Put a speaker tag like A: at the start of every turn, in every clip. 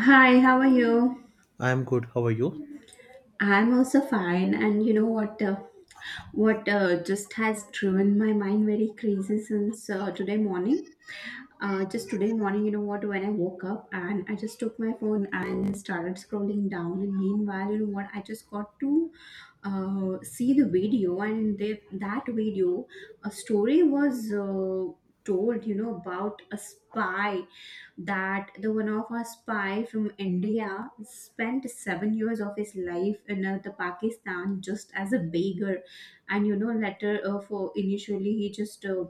A: Hi, how are you?
B: I'm good. How are you?
A: I'm also fine, and you know what? What just has driven my mind very crazy since today morning. Just today morning, you know what? When I woke up and I just took my phone and started scrolling down, and meanwhile, you know what? I just got to see the video, and that video, a story was told, you know, about a spy that the one of a spy from India spent 7 years of his life in the Pakistan just as a beggar. And you know later, for initially he just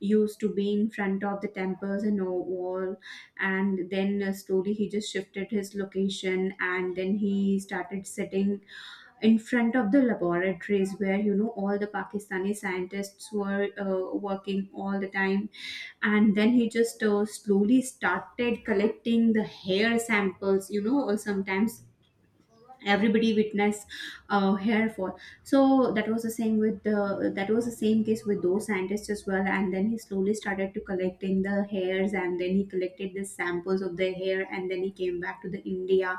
A: used to be in front of the temples and all wall, and then slowly he just shifted his location, and then he started sitting in front of the laboratories where you know all the Pakistani scientists were working all the time. And then he just slowly started collecting the hair samples, you know, or sometimes everybody witness hair fall. So that was the same case with those scientists as well. And then he slowly started to collecting the hairs, and then he collected the samples of the hair, and then he came back to the India.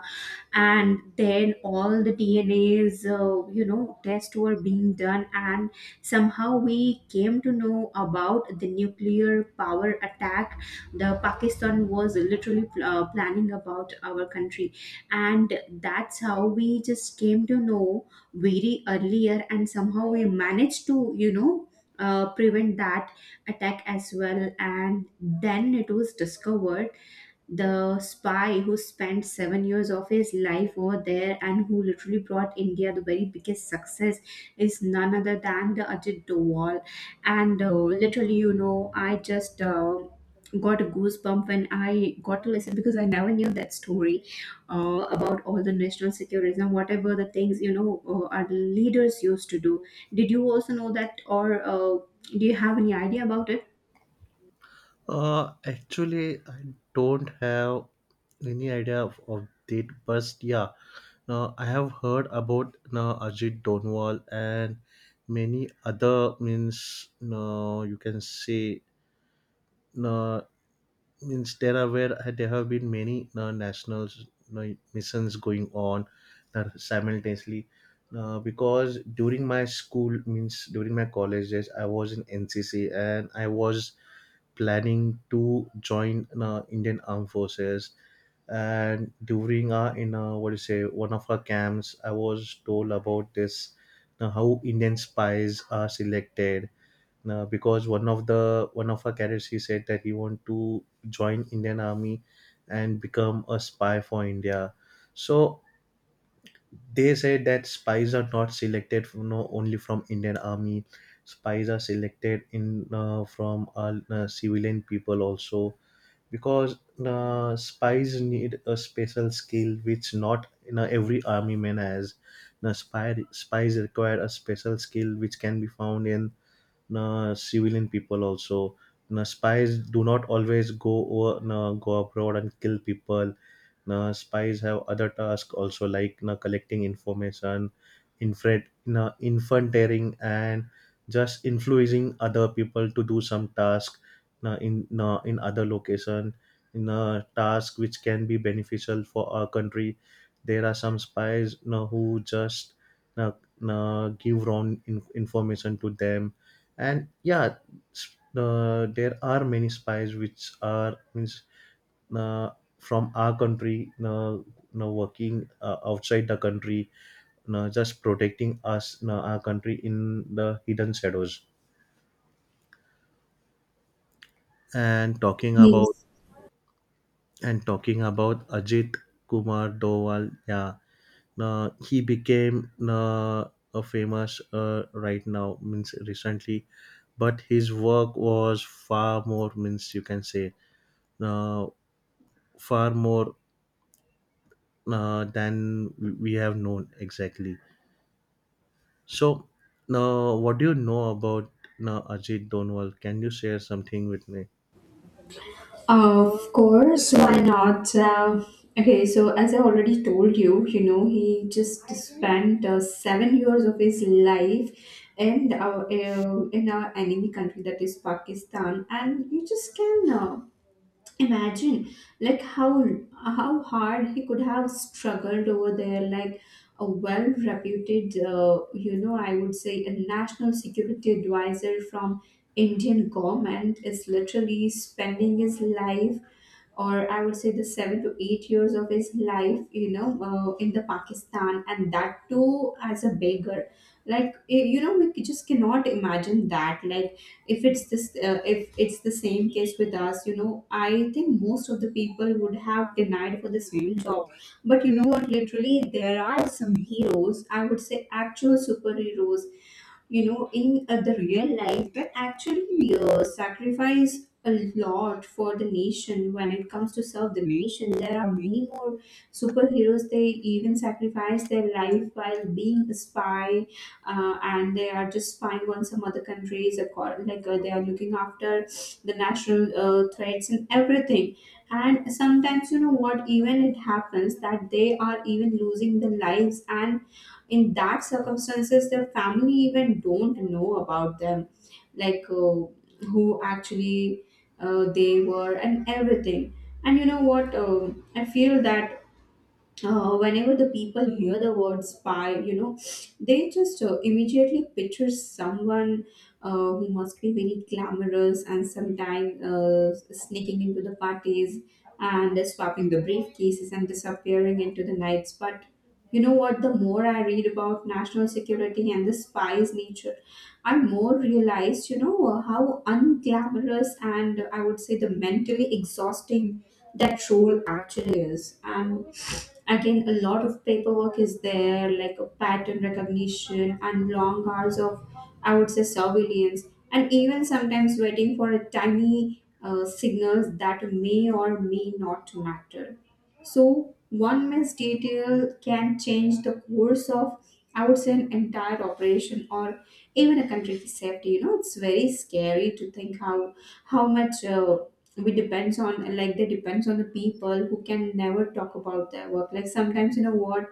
A: And then all the DNA's, you know, tests were being done, and somehow we came to know about the nuclear power attack. The Pakistan was literally planning about our country, and that's how we just came to know very earlier, and somehow we managed to, you know, prevent that attack as well. And then it was discovered, the spy who spent 7 years of his life over there, and who literally brought India the very biggest success, is none other than the Ajit Doval. And literally, you know, I just got a goosebump when I got to listen, because I never knew that story, about all the national security and whatever the things, you know, our leaders used to do. Did you also know that, or do you have any idea about it?
B: Actually, I don't have any idea of it, but yeah, I have heard about Ajit Donwal and many other means. No, you can say no means there are where there have been many national uh, missions going on simultaneously because during my school means during my college days I was in NCC and I was planning to join Indian Armed Forces and during our in what do you say one of our camps I was told about this how Indian spies are selected because one of our cadets he said that he want to join Indian Army and become a spy for India. So they said that spies are not selected from, no, only from Indian Army. Spies are selected in from civilian people also because spies need a special skill which not every army man has. Now, spies require a special skill which can be found in na civilian people also na spies do not always go over na, go abroad and kill people na, spies have other tasks also like na, collecting information infrared na, infanteering and just influencing other people to do some task na, in na, in other location in a task which can be beneficial for our country there are some spies na, who just na, na, give wrong information to them and yeah there are many spies which are means uh, from our country now working outside the country just protecting us our country in the hidden shadows. and talking about
A: Yes.
B: and talking about Ajit Kumar Doval, yeah. He became a famous right now means recently, but his work was far more means you can say uh, far more than we have known exactly. So, now what do you know about now Ajit Donwal? Can you share something with me?
A: Of course, why not? Okay, so as I already told you, you know, he just spent 7 years of his life in our enemy country, that is Pakistan. And you just can imagine like how hard he could have struggled over there. Like a well-reputed, you know, I would say a national security advisor from Indian government is literally spending his life, or I would say the 7 to 8 years of his life, you know, in the Pakistan, and that too as a beggar. Like you know, we just cannot imagine that. Like if it's the same case with us, you know, I think most of the people would have denied for the same job. But you know what? Literally, there are some heroes. I would say actual superheroes, you know, in the real life, that actually sacrifice a lot for the nation. When it comes to serve the nation, there are many more superheroes. They even sacrifice their life while being a spy, and they are just spying on some other countries, like they are looking after the national threats and everything. And sometimes, you know what, even it happens that they are even losing their lives, and in that circumstances their family even don't know about them, like who actually they were and everything. And you know what, I feel that whenever the people hear the word spy, you know, they just immediately picture someone who must be very glamorous, and sometimes sneaking into the parties and swapping the briefcases and disappearing into the nights. But you know what? The more I read about national security and the spy's nature, I more realized, you know, how unglamorous and I would say the mentally exhausting that role actually is. And again, a lot of paperwork is there, like a pattern recognition and long hours of, I would say, surveillance, and even sometimes waiting for a tiny signals that may or may not matter. So one missed detail can change the course of, I would say, an entire operation or even a country's safety. You know, it's very scary to think how how much we depends on, like they depends on the people who can never talk about their work. Like sometimes, you know what,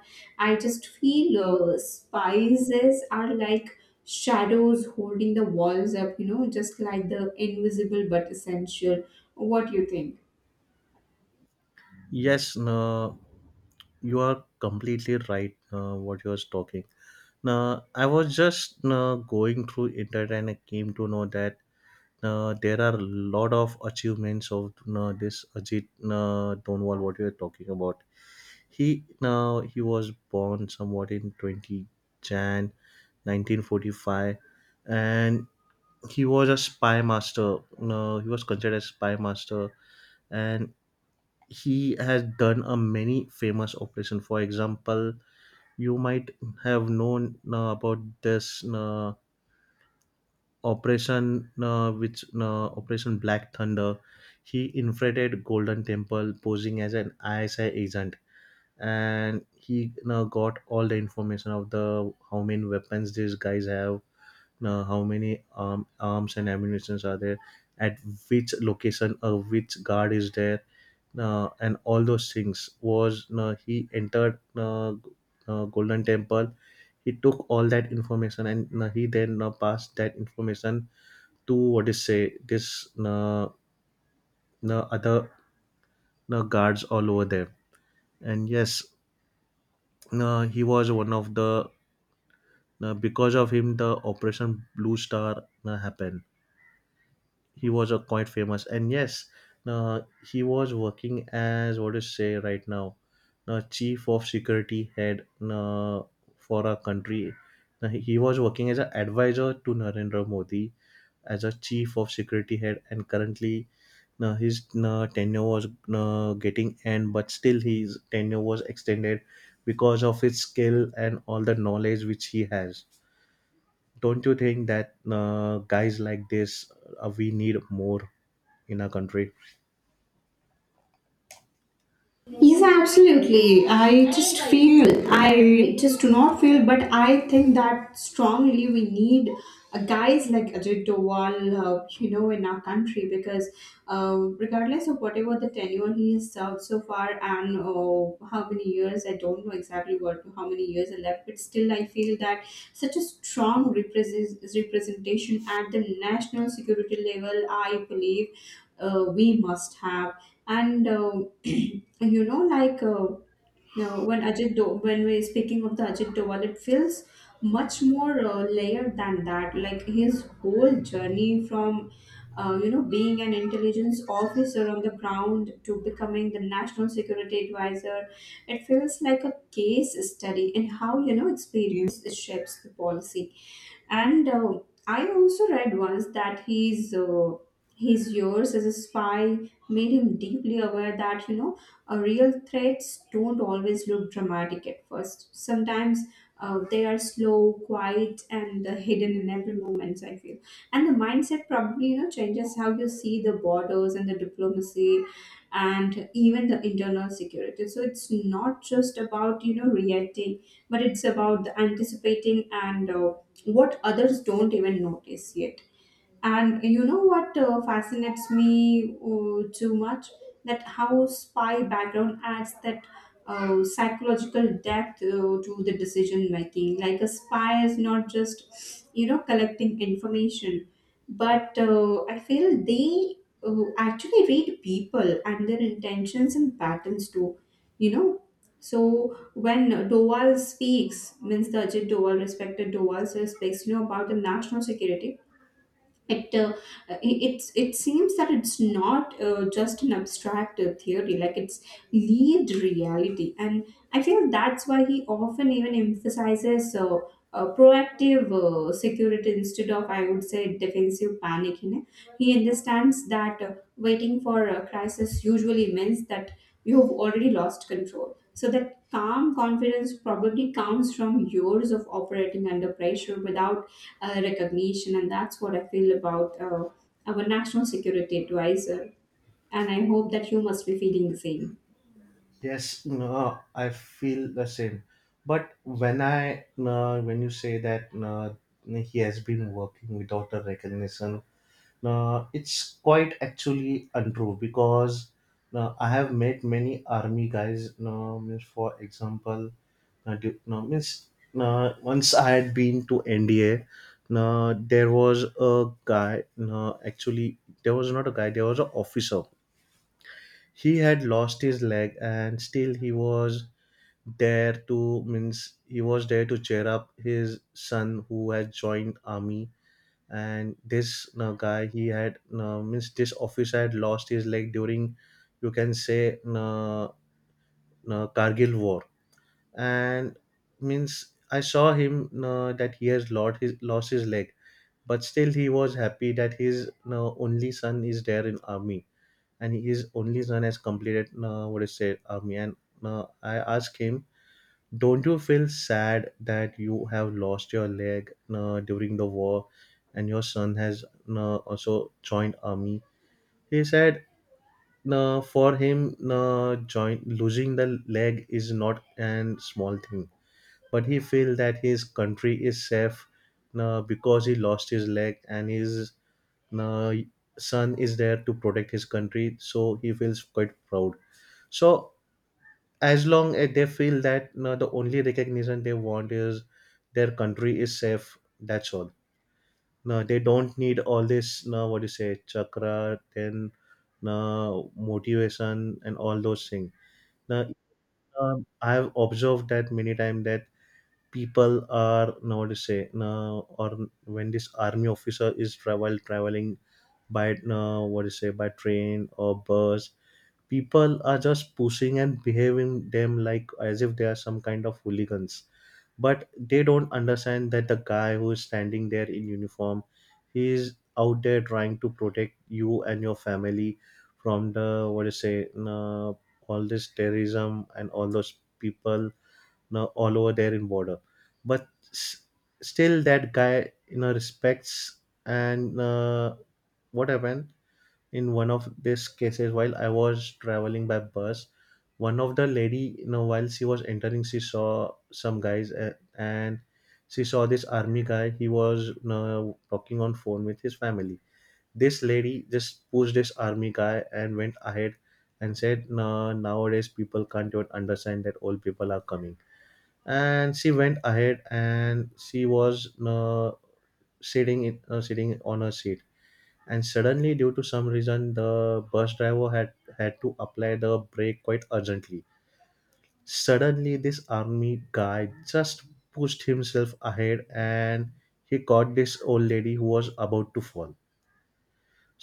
A: I just feel spices are like shadows holding the walls up, you know, just like the invisible but essential. What do you think?
B: Yes, no, you are completely right. What you was talking. Now I was just going through internet and I came to know that there are a lot of achievements of this Ajit Donwal. What you are talking about. He now he was born somewhat in 20 January 1945, and he was a spy master. No, he was considered a spy master, and he has done a many famous operation. For example, you might have known about this operation, which Operation Black Thunder. He infiltrated Golden Temple, posing as an ISI agent. And he you got all the information of the how many weapons these guys have, you how many arms and ammunitions are there, at which location, which guard is there, and all those things was you he entered Golden Temple. He took all that information and you he then passed that information to what is say this you other you guards all over there. And yes, he was one of the. Now, because of him, the Operation Blue Star happened. He was a quite famous, and yes, now he was working as what is say right now, now chief of security head now for our country. Now, he was working as an advisor to Narendra Modi as a chief of security head, and currently, now his now tenure was now getting end, but still his tenure was extended because of his skill and all the knowledge which he has. Don't you think that guys like this we need more in our country?
A: Yes, absolutely. I just feel, I just do not feel, but I think that strongly we need guys like Ajit Doval, you know, in our country, because regardless of whatever the tenure he has served so far, and how many years, I don't know exactly what how many years are left. But still I feel that such a strong representation at the national security level, I believe, we must have. And you know, like, now when when we're speaking of the Ajit Doval, it feels much more layered than that. Like his whole journey from, you know, being an intelligence officer on the ground to becoming the national security advisor, it feels like a case study in how, you know, experience shapes the policy. And I also read once that his years as a spy made him deeply aware that, you know, real threats don't always look dramatic at first. Sometimes they are slow, quiet, and hidden in every moment, I feel. And the mindset probably, you know, changes how you see the borders and the diplomacy, and even the internal security. So it's not just about, you know, reacting, but it's about the anticipating, and what others don't even notice yet. And you know what fascinates me too much? That how spy background adds that psychological depth to the decision making. Like a spy is not just, you know, collecting information, but I feel they actually read people and their intentions and patterns too, you know. So when Doval speaks, means the Ajit Doval, respected Doval, so speaks, you know, about the national security, it it seems that it's not just an abstract theory. Like it's lived reality, and I feel that's why he often even emphasizes proactive security instead of, I would say, defensive panic. You know, he understands that waiting for a crisis usually means that you've already lost control, so the calm confidence probably comes from years of operating under pressure without recognition. And that's what I feel about our national security advisor, and I hope that you must be feeling the same.
B: Yes, no, I feel the same. But when I when you say that he has been working without a recognition, it's quite actually untrue because I have met many army guys. Means, for example, du- no, means once I had been to NDA, there was a guy. Actually, there was not a guy. There was an officer. He had lost his leg, and still he was there to means he was there to cheer up his son who had joined army, and this guy he had means this officer had lost his leg during you can say Kargil war, and means I saw him that he has lost his leg, but still he was happy that his only son is there in army, and his only son has completed what is say army, and I asked him, don't you feel sad that you have lost your leg during the war and your son has also joined army? He said for him losing the leg is not an small thing, but he feel that his country is safe because he lost his leg and his uh, son is there to protect his country, so he feels quite proud. So as long as they feel that no, the only recognition they want is their country is safe. That's all. No, they don't need all this. No, what do you say, chakra, then no motivation and all those things. Now, I have observed that many times that people are now what to say now, or when this army officer is traveling by now what to say by train or bus, people are just pushing and behaving them like as if they are some kind of hooligans, but they don't understand that the guy who is standing there in uniform, he is out there trying to protect you and your family from the what do you say uh, all this terrorism and all those people all over there in border, but still that guy respects. And what happened in one of these cases while I was traveling by bus, one of the lady while she was entering she saw some guys and she saw this army guy, he was talking on phone with his family. This lady just pushed this army guy and went ahead and said no, nowadays people can't even understand that old people are coming, and she went ahead and she was sitting in, sitting on a seat, and suddenly due to some reason the bus driver had had to apply the brake quite urgently. Suddenly this army guy just pushed himself ahead, and he caught this old lady who was about to fall.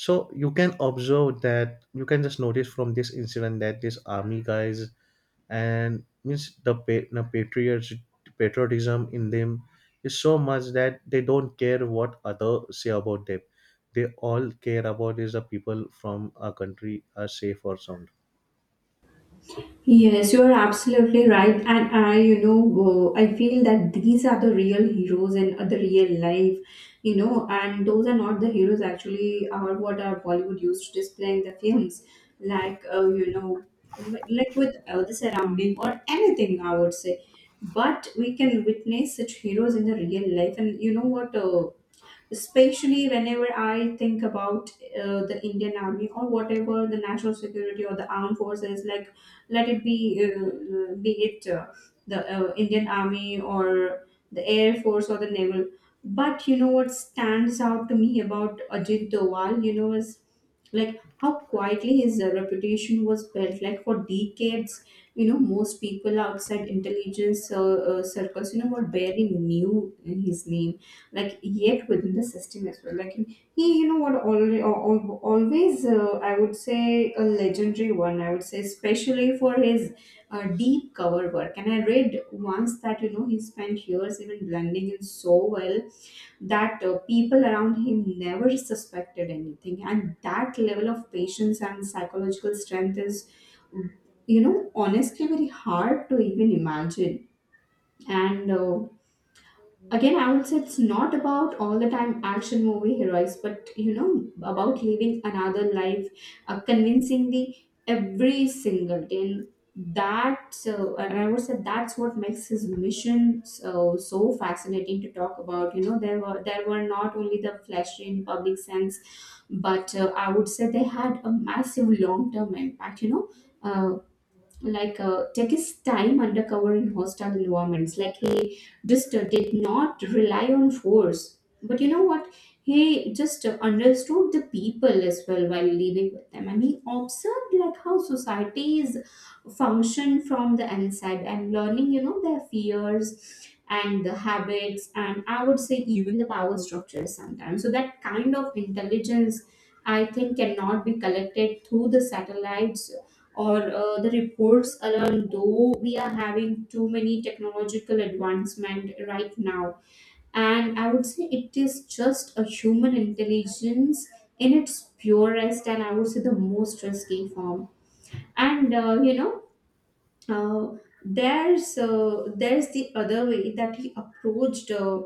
B: So you can observe that, you can just notice from this incident that this army guys and means the patriots, patriotism in them is so much that they don't care what others say about them. They all care about is the people from a country are safe or sound.
A: Yes, you are absolutely right. And I, you know, I feel that these are the real heroes in the real life, you know, and those are not the heroes actually are what our Bollywood used to display in the films. Like, you know, like with the surrounding or anything, I would say. But we can witness such heroes in the real life. And you know what? Especially whenever I think about the Indian Army or whatever the national security or the armed forces, like let it be it the Indian Army or the Air Force or the Naval. But you know what stands out to me about Ajit Doval, you know, is like how quietly his reputation was built. Like for decades, most people outside intelligence circles, were barely knew his name, like, yet within the system as well. Like, he, you know what already always, I would say, a legendary one, I would say, especially for his deep cover work. And I read once that, he spent years even blending in so well that people around him never suspected anything, and that level of patience and psychological strength is, honestly, very hard to even imagine. And again, I would say, it's not about all the time action movie heroics, but, about living another life, convincing the every single day. And that, so, and I would say that's what makes his mission so fascinating to talk about. There were not only the flashy in public sense, but I would say they had a massive long term impact, you know Uh, like, take his time undercover in hostile environments, like, he just did not rely on force, but, you know what he just understood the people as well while living with them. And he observed like how societies function from the inside, and learning, their fears and the habits, and I would say, even the power structures sometimes. So that kind of intelligence, I think, cannot be collected through the satellites, or the reports alone, though we are having too many technological advancement right now. And I would say, it is just a human intelligence, in its purest, and I would say, the most risky form. And uh, you know uh, there's the other way that he approached,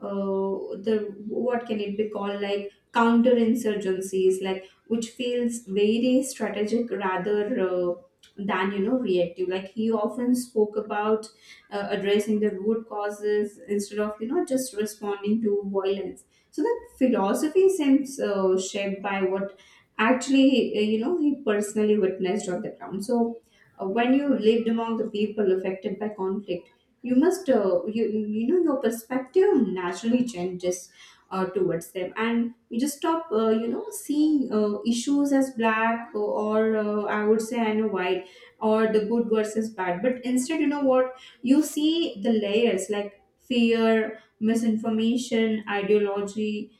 A: uh, the, what can it be called, like counterinsurgencies, like, which feels very strategic rather uh, than, reactive. Like, he often spoke about addressing the root causes instead of, just responding to violence. So that philosophy seems shaped by what actually, he personally witnessed on the ground. So when you lived among the people affected by conflict, you must, your perspective naturally changes towards them, and you just stop, seeing, issues as black, or, I would say, I know, white, or the good versus bad. But instead, you know what you see the layers, like fear, misinformation, ideology,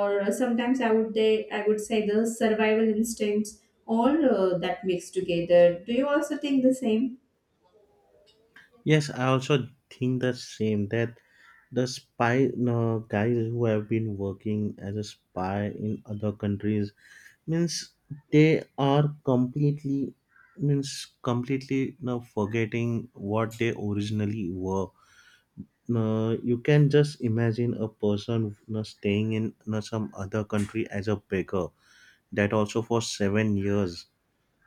A: or sometimes, I would say, the survival instincts, all that mixed together. Do you also think the same?
B: Yes, I also think the same that the spy no, guys who have been working as a spy in other countries means they are completely means completely now forgetting what they originally were. You can just imagine a person staying in some other country as a beggar, that also for 7 years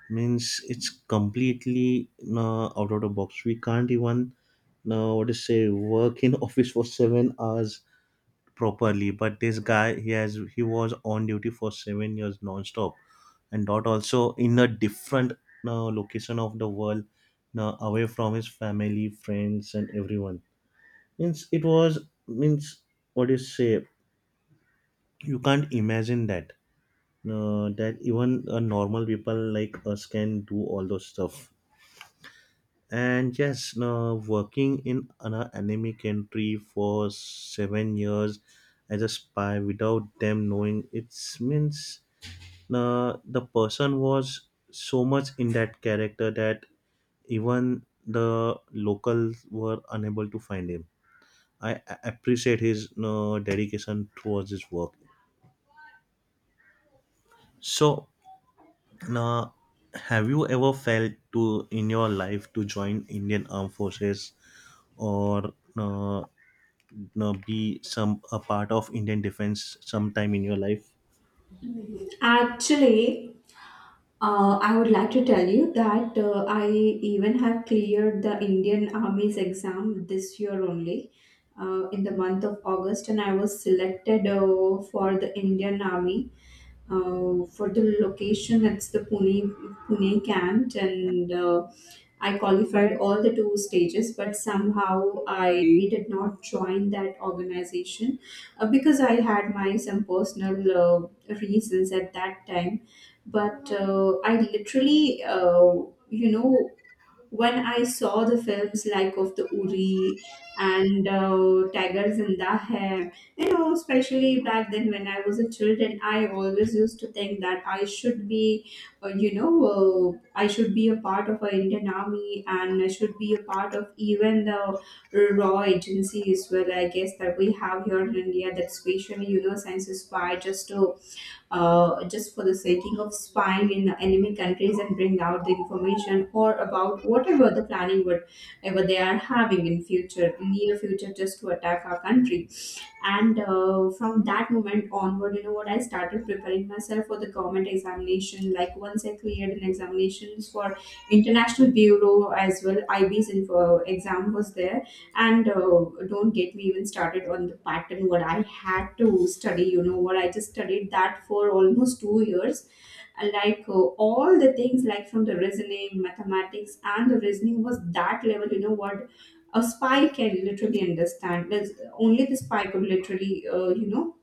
B: means it's completely out of the box. We can't even what to say work in office for 7 hours properly, but this guy he has he was on duty for 7 years non-stop, and not also in a different location of the world, away from his family, friends and everyone means it was means what do you say you can't imagine that that even normal people like us can do all those stuff. And yes, working in an enemy country for 7 years as a spy without them knowing it means the person was so much in that character that even the locals were unable to find him. I appreciate his dedication towards his work. So, now, have you ever felt to in your life to join Indian Armed Forces or be some a part of Indian defense sometime in your life?
A: Actually, I would like to tell you that I even have cleared the Indian Army's exam this year only, in the month of August, and I was selected for the Indian Army. For the location, it's the Pune camp, and, I qualified all the two stages, but somehow I did not join that organization, because I had my some personal reasons at that time. But I literally, you know, when I saw the films, like, of the Uri and, Tiger Zinda Hai, especially back then when I was a children, I always used to think that I should be, uh, you know, I should be a part of a Indian Army, and I should be a part of even the raw agencies. Well, I guess that we have here in India that specially, science is by just to just for the setting of spying in the enemy countries, and bring out the information or about whatever the planning would ever they are having in future, near future, just to attack our country. And from that moment onward, you know what I started preparing myself for the government examination. Like, once I cleared an examinations for international bureau as well, IB's info exam was there. And don't get me even started on the pattern, what I had to study. You know what I just studied that for almost 2 years, and, like, all the things, like, from the reasoning, mathematics, and the reasoning was that level. You know what a spy can literally understand. There's only the spy could literally,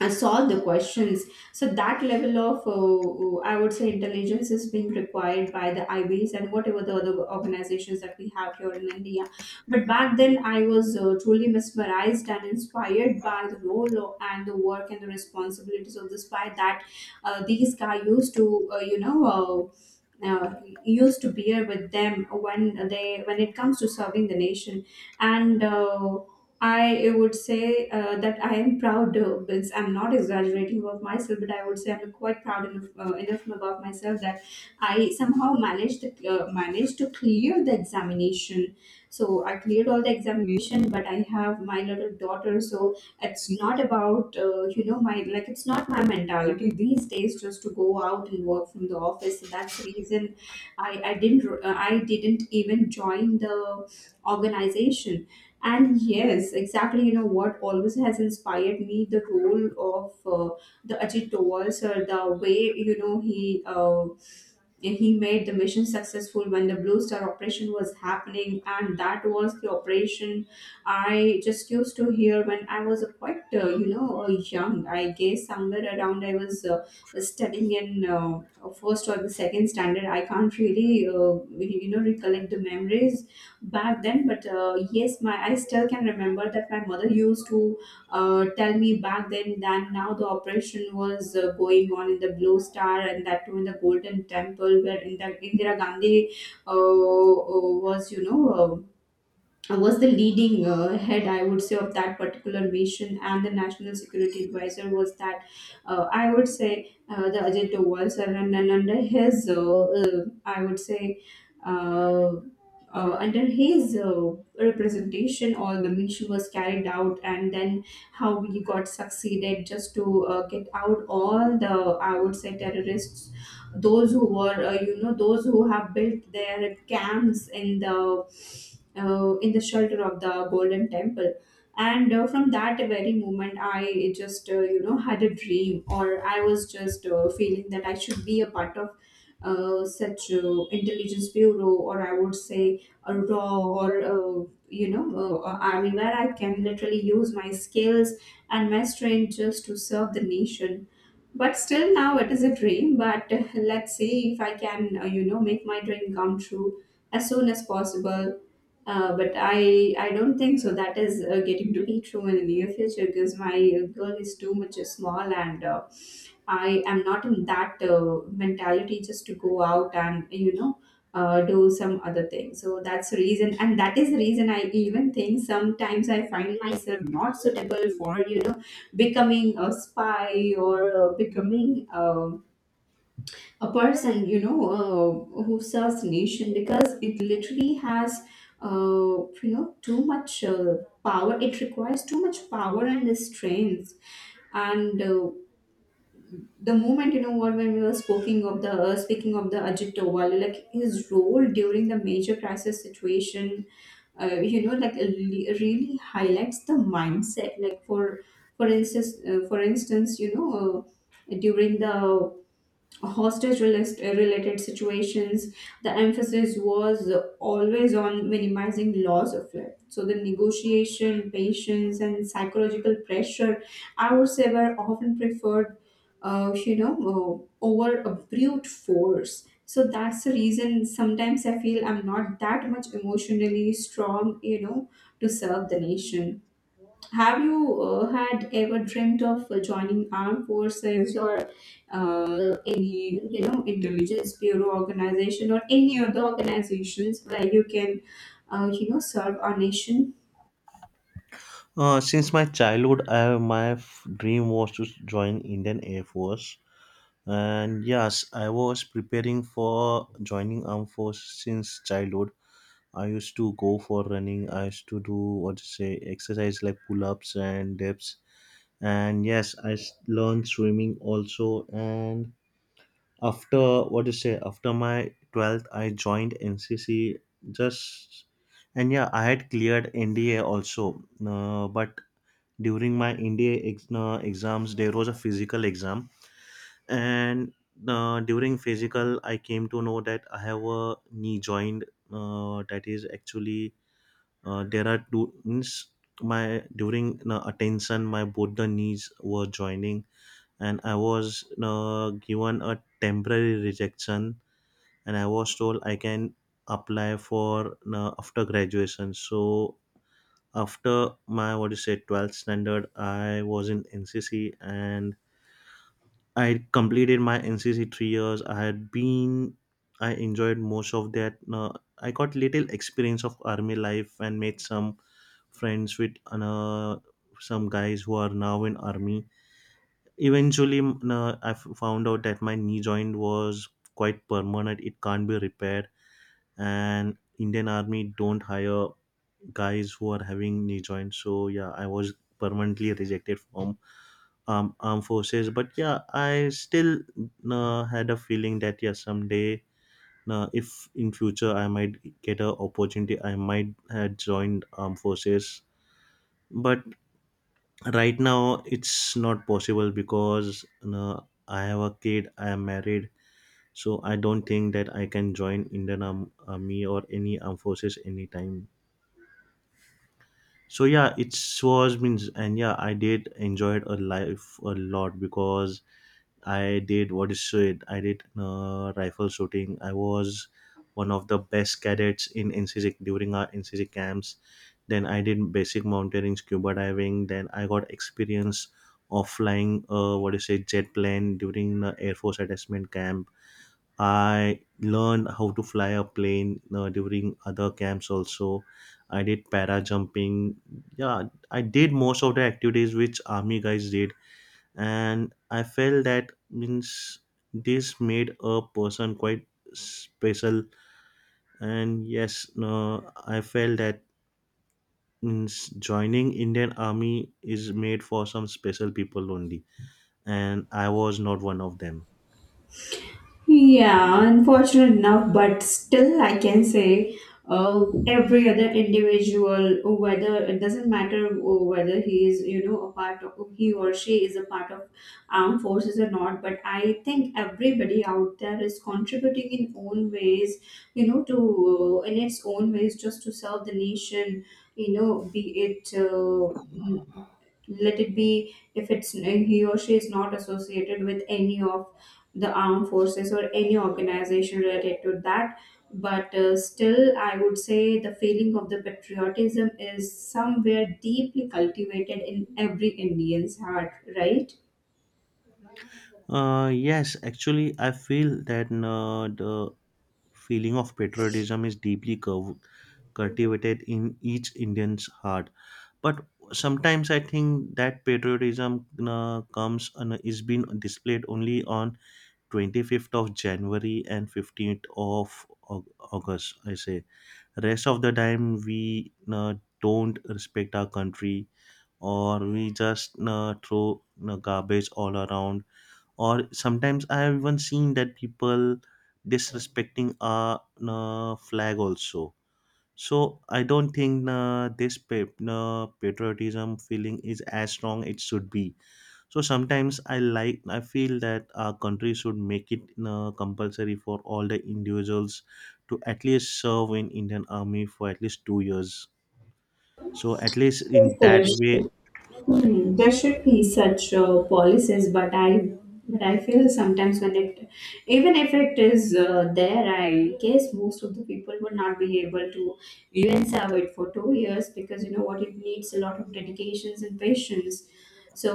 A: and solve the questions. So that level of, I would say, intelligence is being required by the IBs and whatever the other organizations that we have here in India. But back then, I was truly mesmerized and inspired by the role of, and the work and the responsibilities of this guy, that these guy used to, uh, used to bear with them, when they, when it comes to serving the nation. And I would say, that I am proud, I'm not exaggerating about myself, but I would say I'm quite proud enough about myself, that I somehow managed to clear the examination. So I cleared all the examination, but I have my little daughter. So it's not about, my, like, it's not my mentality these days, just to go out and work from the office. So that's the reason I didn't even join the organization. And yes, exactly, you know what always has inspired me, the role of the Ajit Doval sir, the way, you know he uh, he made the mission successful when the Blue Star operation was happening, and that was the operation I just used to hear when I was a quite, young. I guess, somewhere around, I was studying in first or the second standard. I can't really, recollect the memories back then. But yes, my I still can remember that my mother used to tell me back then, that now the operation was going on in the Blue Star, and that too in the Golden Temple, where in the Indira Gandhi, was, you know. Was the leading head, I would say, of that particular mission, and the national security advisor was that, I would say, the Ajay Doval sir, and under his, I would say, uh, under his representation, all the mission was carried out, and then how we got succeeded just to get out all the, I would say, terrorists, those who were, you know, those who have built their camps in the, shelter of the Golden Temple. And from that very moment, I just, had a dream, or I was just feeling that I should be a part of such intelligence bureau, or I would say, a raw, or, I mean, where I can literally use my skills and my strength just to serve the nation. But still, now it is a dream. But let's see if I can, make my dream come true as soon as possible, but I don't think so. That is getting to be true in the near future, because my girl is too much small, and I am not in that mentality, just to go out and, do some other thing. So that's the reason, and that is the reason I even think sometimes I find myself not suitable for, becoming a spy, or becoming, a person, who serves nation, because it literally has, too much power. It requires too much power and strength. And the moment, you know what when we were speaking of the, Ajit Doval, like his role during the major crisis situation, like really really highlights the mindset. Like for instance, during the related situations, the emphasis was always on minimizing loss of life. So the negotiation, patience, and psychological pressure, I would say, were often preferred, over a brute force. So that's the reason sometimes I feel I'm not that much emotionally strong, to serve the nation. Have you had ever dreamt of joining armed forces, or any, intelligence bureau organization, or any other organizations where you can, serve our nation?
B: Since my childhood, I, dream was to join Indian Air Force, and yes, I was preparing for joining Armed Force since childhood. I used to go for running. I used to do what to say exercise like pull ups and dips. And yes, learned swimming also. And after what to say after my 12th, I joined NCC. Just, and yeah, I had cleared NDA also. But during my NDA exams, there was a physical exam, and during physical, I came to know that I have a knee joint that is actually there are two means my during attention, my both the knees were joining, and I was given a temporary rejection, and I was told I can apply for after graduation. So after my what is it 12th standard, I was in NCC, and I had completed my NCC 3 years. I had been, I enjoyed most of that. I got little experience of army life and made some friends with some guys who are now in army. Eventually, I found out that my knee joint was quite permanent. It can't be repaired, and Indian army don't hire guys who are having knee joints. So yeah, I was permanently rejected from armed forces, but yeah, I still had a feeling that yeah, someday, if in future I might get a opportunity, I might have joined armed forces, but right now it's not possible because uh, I have a kid, I am married, so I don't think that I can join Indian army or any armed forces anytime. So yeah, it was means, and yeah, I did enjoyed a life a lot because I did what is so it? I did rifle shooting. I was one of the best cadets in NCC during our NCC camps. Then I did basic mountaineering, scuba diving. Then I got experience of flying what is it jet plane during the Air Force attachment camp. I learned how to fly a plane during other camps also. I did para jumping. Yeah, I did most of the activities which army guys did, and I felt that means this made a person quite special. And yes no, I felt that means joining Indian army is made for some special people only, and I was not one of them.
A: Yeah, unfortunate enough, but still, I can say every other individual, whether it doesn't matter whether he or she is a part of armed forces or not, but I think everybody out there is contributing in own ways, to in its own ways, just to serve the nation, be it. Let it be, if it's he or she is not associated with any of the armed forces or any organization related to that, but still I would say the feeling of the patriotism is somewhere deeply cultivated in every Indian's heart, right?
B: Yes, actually I feel that no, the feeling of patriotism is deeply cultivated in each Indian's heart, but sometimes I think that patriotism comes and is being displayed only on 25th of January and 15th of August, I say. Rest of the time we uh, don't respect our country, or we just throw garbage all around, or sometimes I have even seen that people disrespecting our flag also. So I don't think this patriotism feeling is as strong it should be. So sometimes I like I feel that our country should make it compulsory for all the individuals to at least serve in Indian Army for at least 2 years. So at least
A: Yes,
B: in that way,
A: there should be such policies, but I feel sometimes when it even if it is there, I guess most of the people would not be able to even serve it for 2 years, because, you know what it needs a lot of dedications and patience. So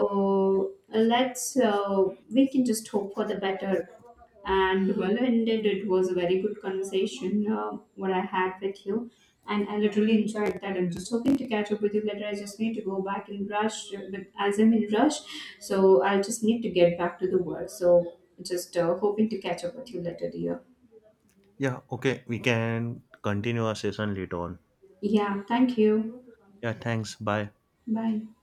A: let's we can just hope for the better, and well ended. It was a very good conversation, what I had with you, and I literally enjoyed that. I'm just hoping to catch up with you later. I just need to go back and rush, but as I'm in rush, so I just need to get back to the work. So just hoping to catch up with you later, dear.
B: yeah. Okay, we can continue our session later on.
A: Yeah, thank you.
B: Yeah. Thanks. Bye.
A: Bye.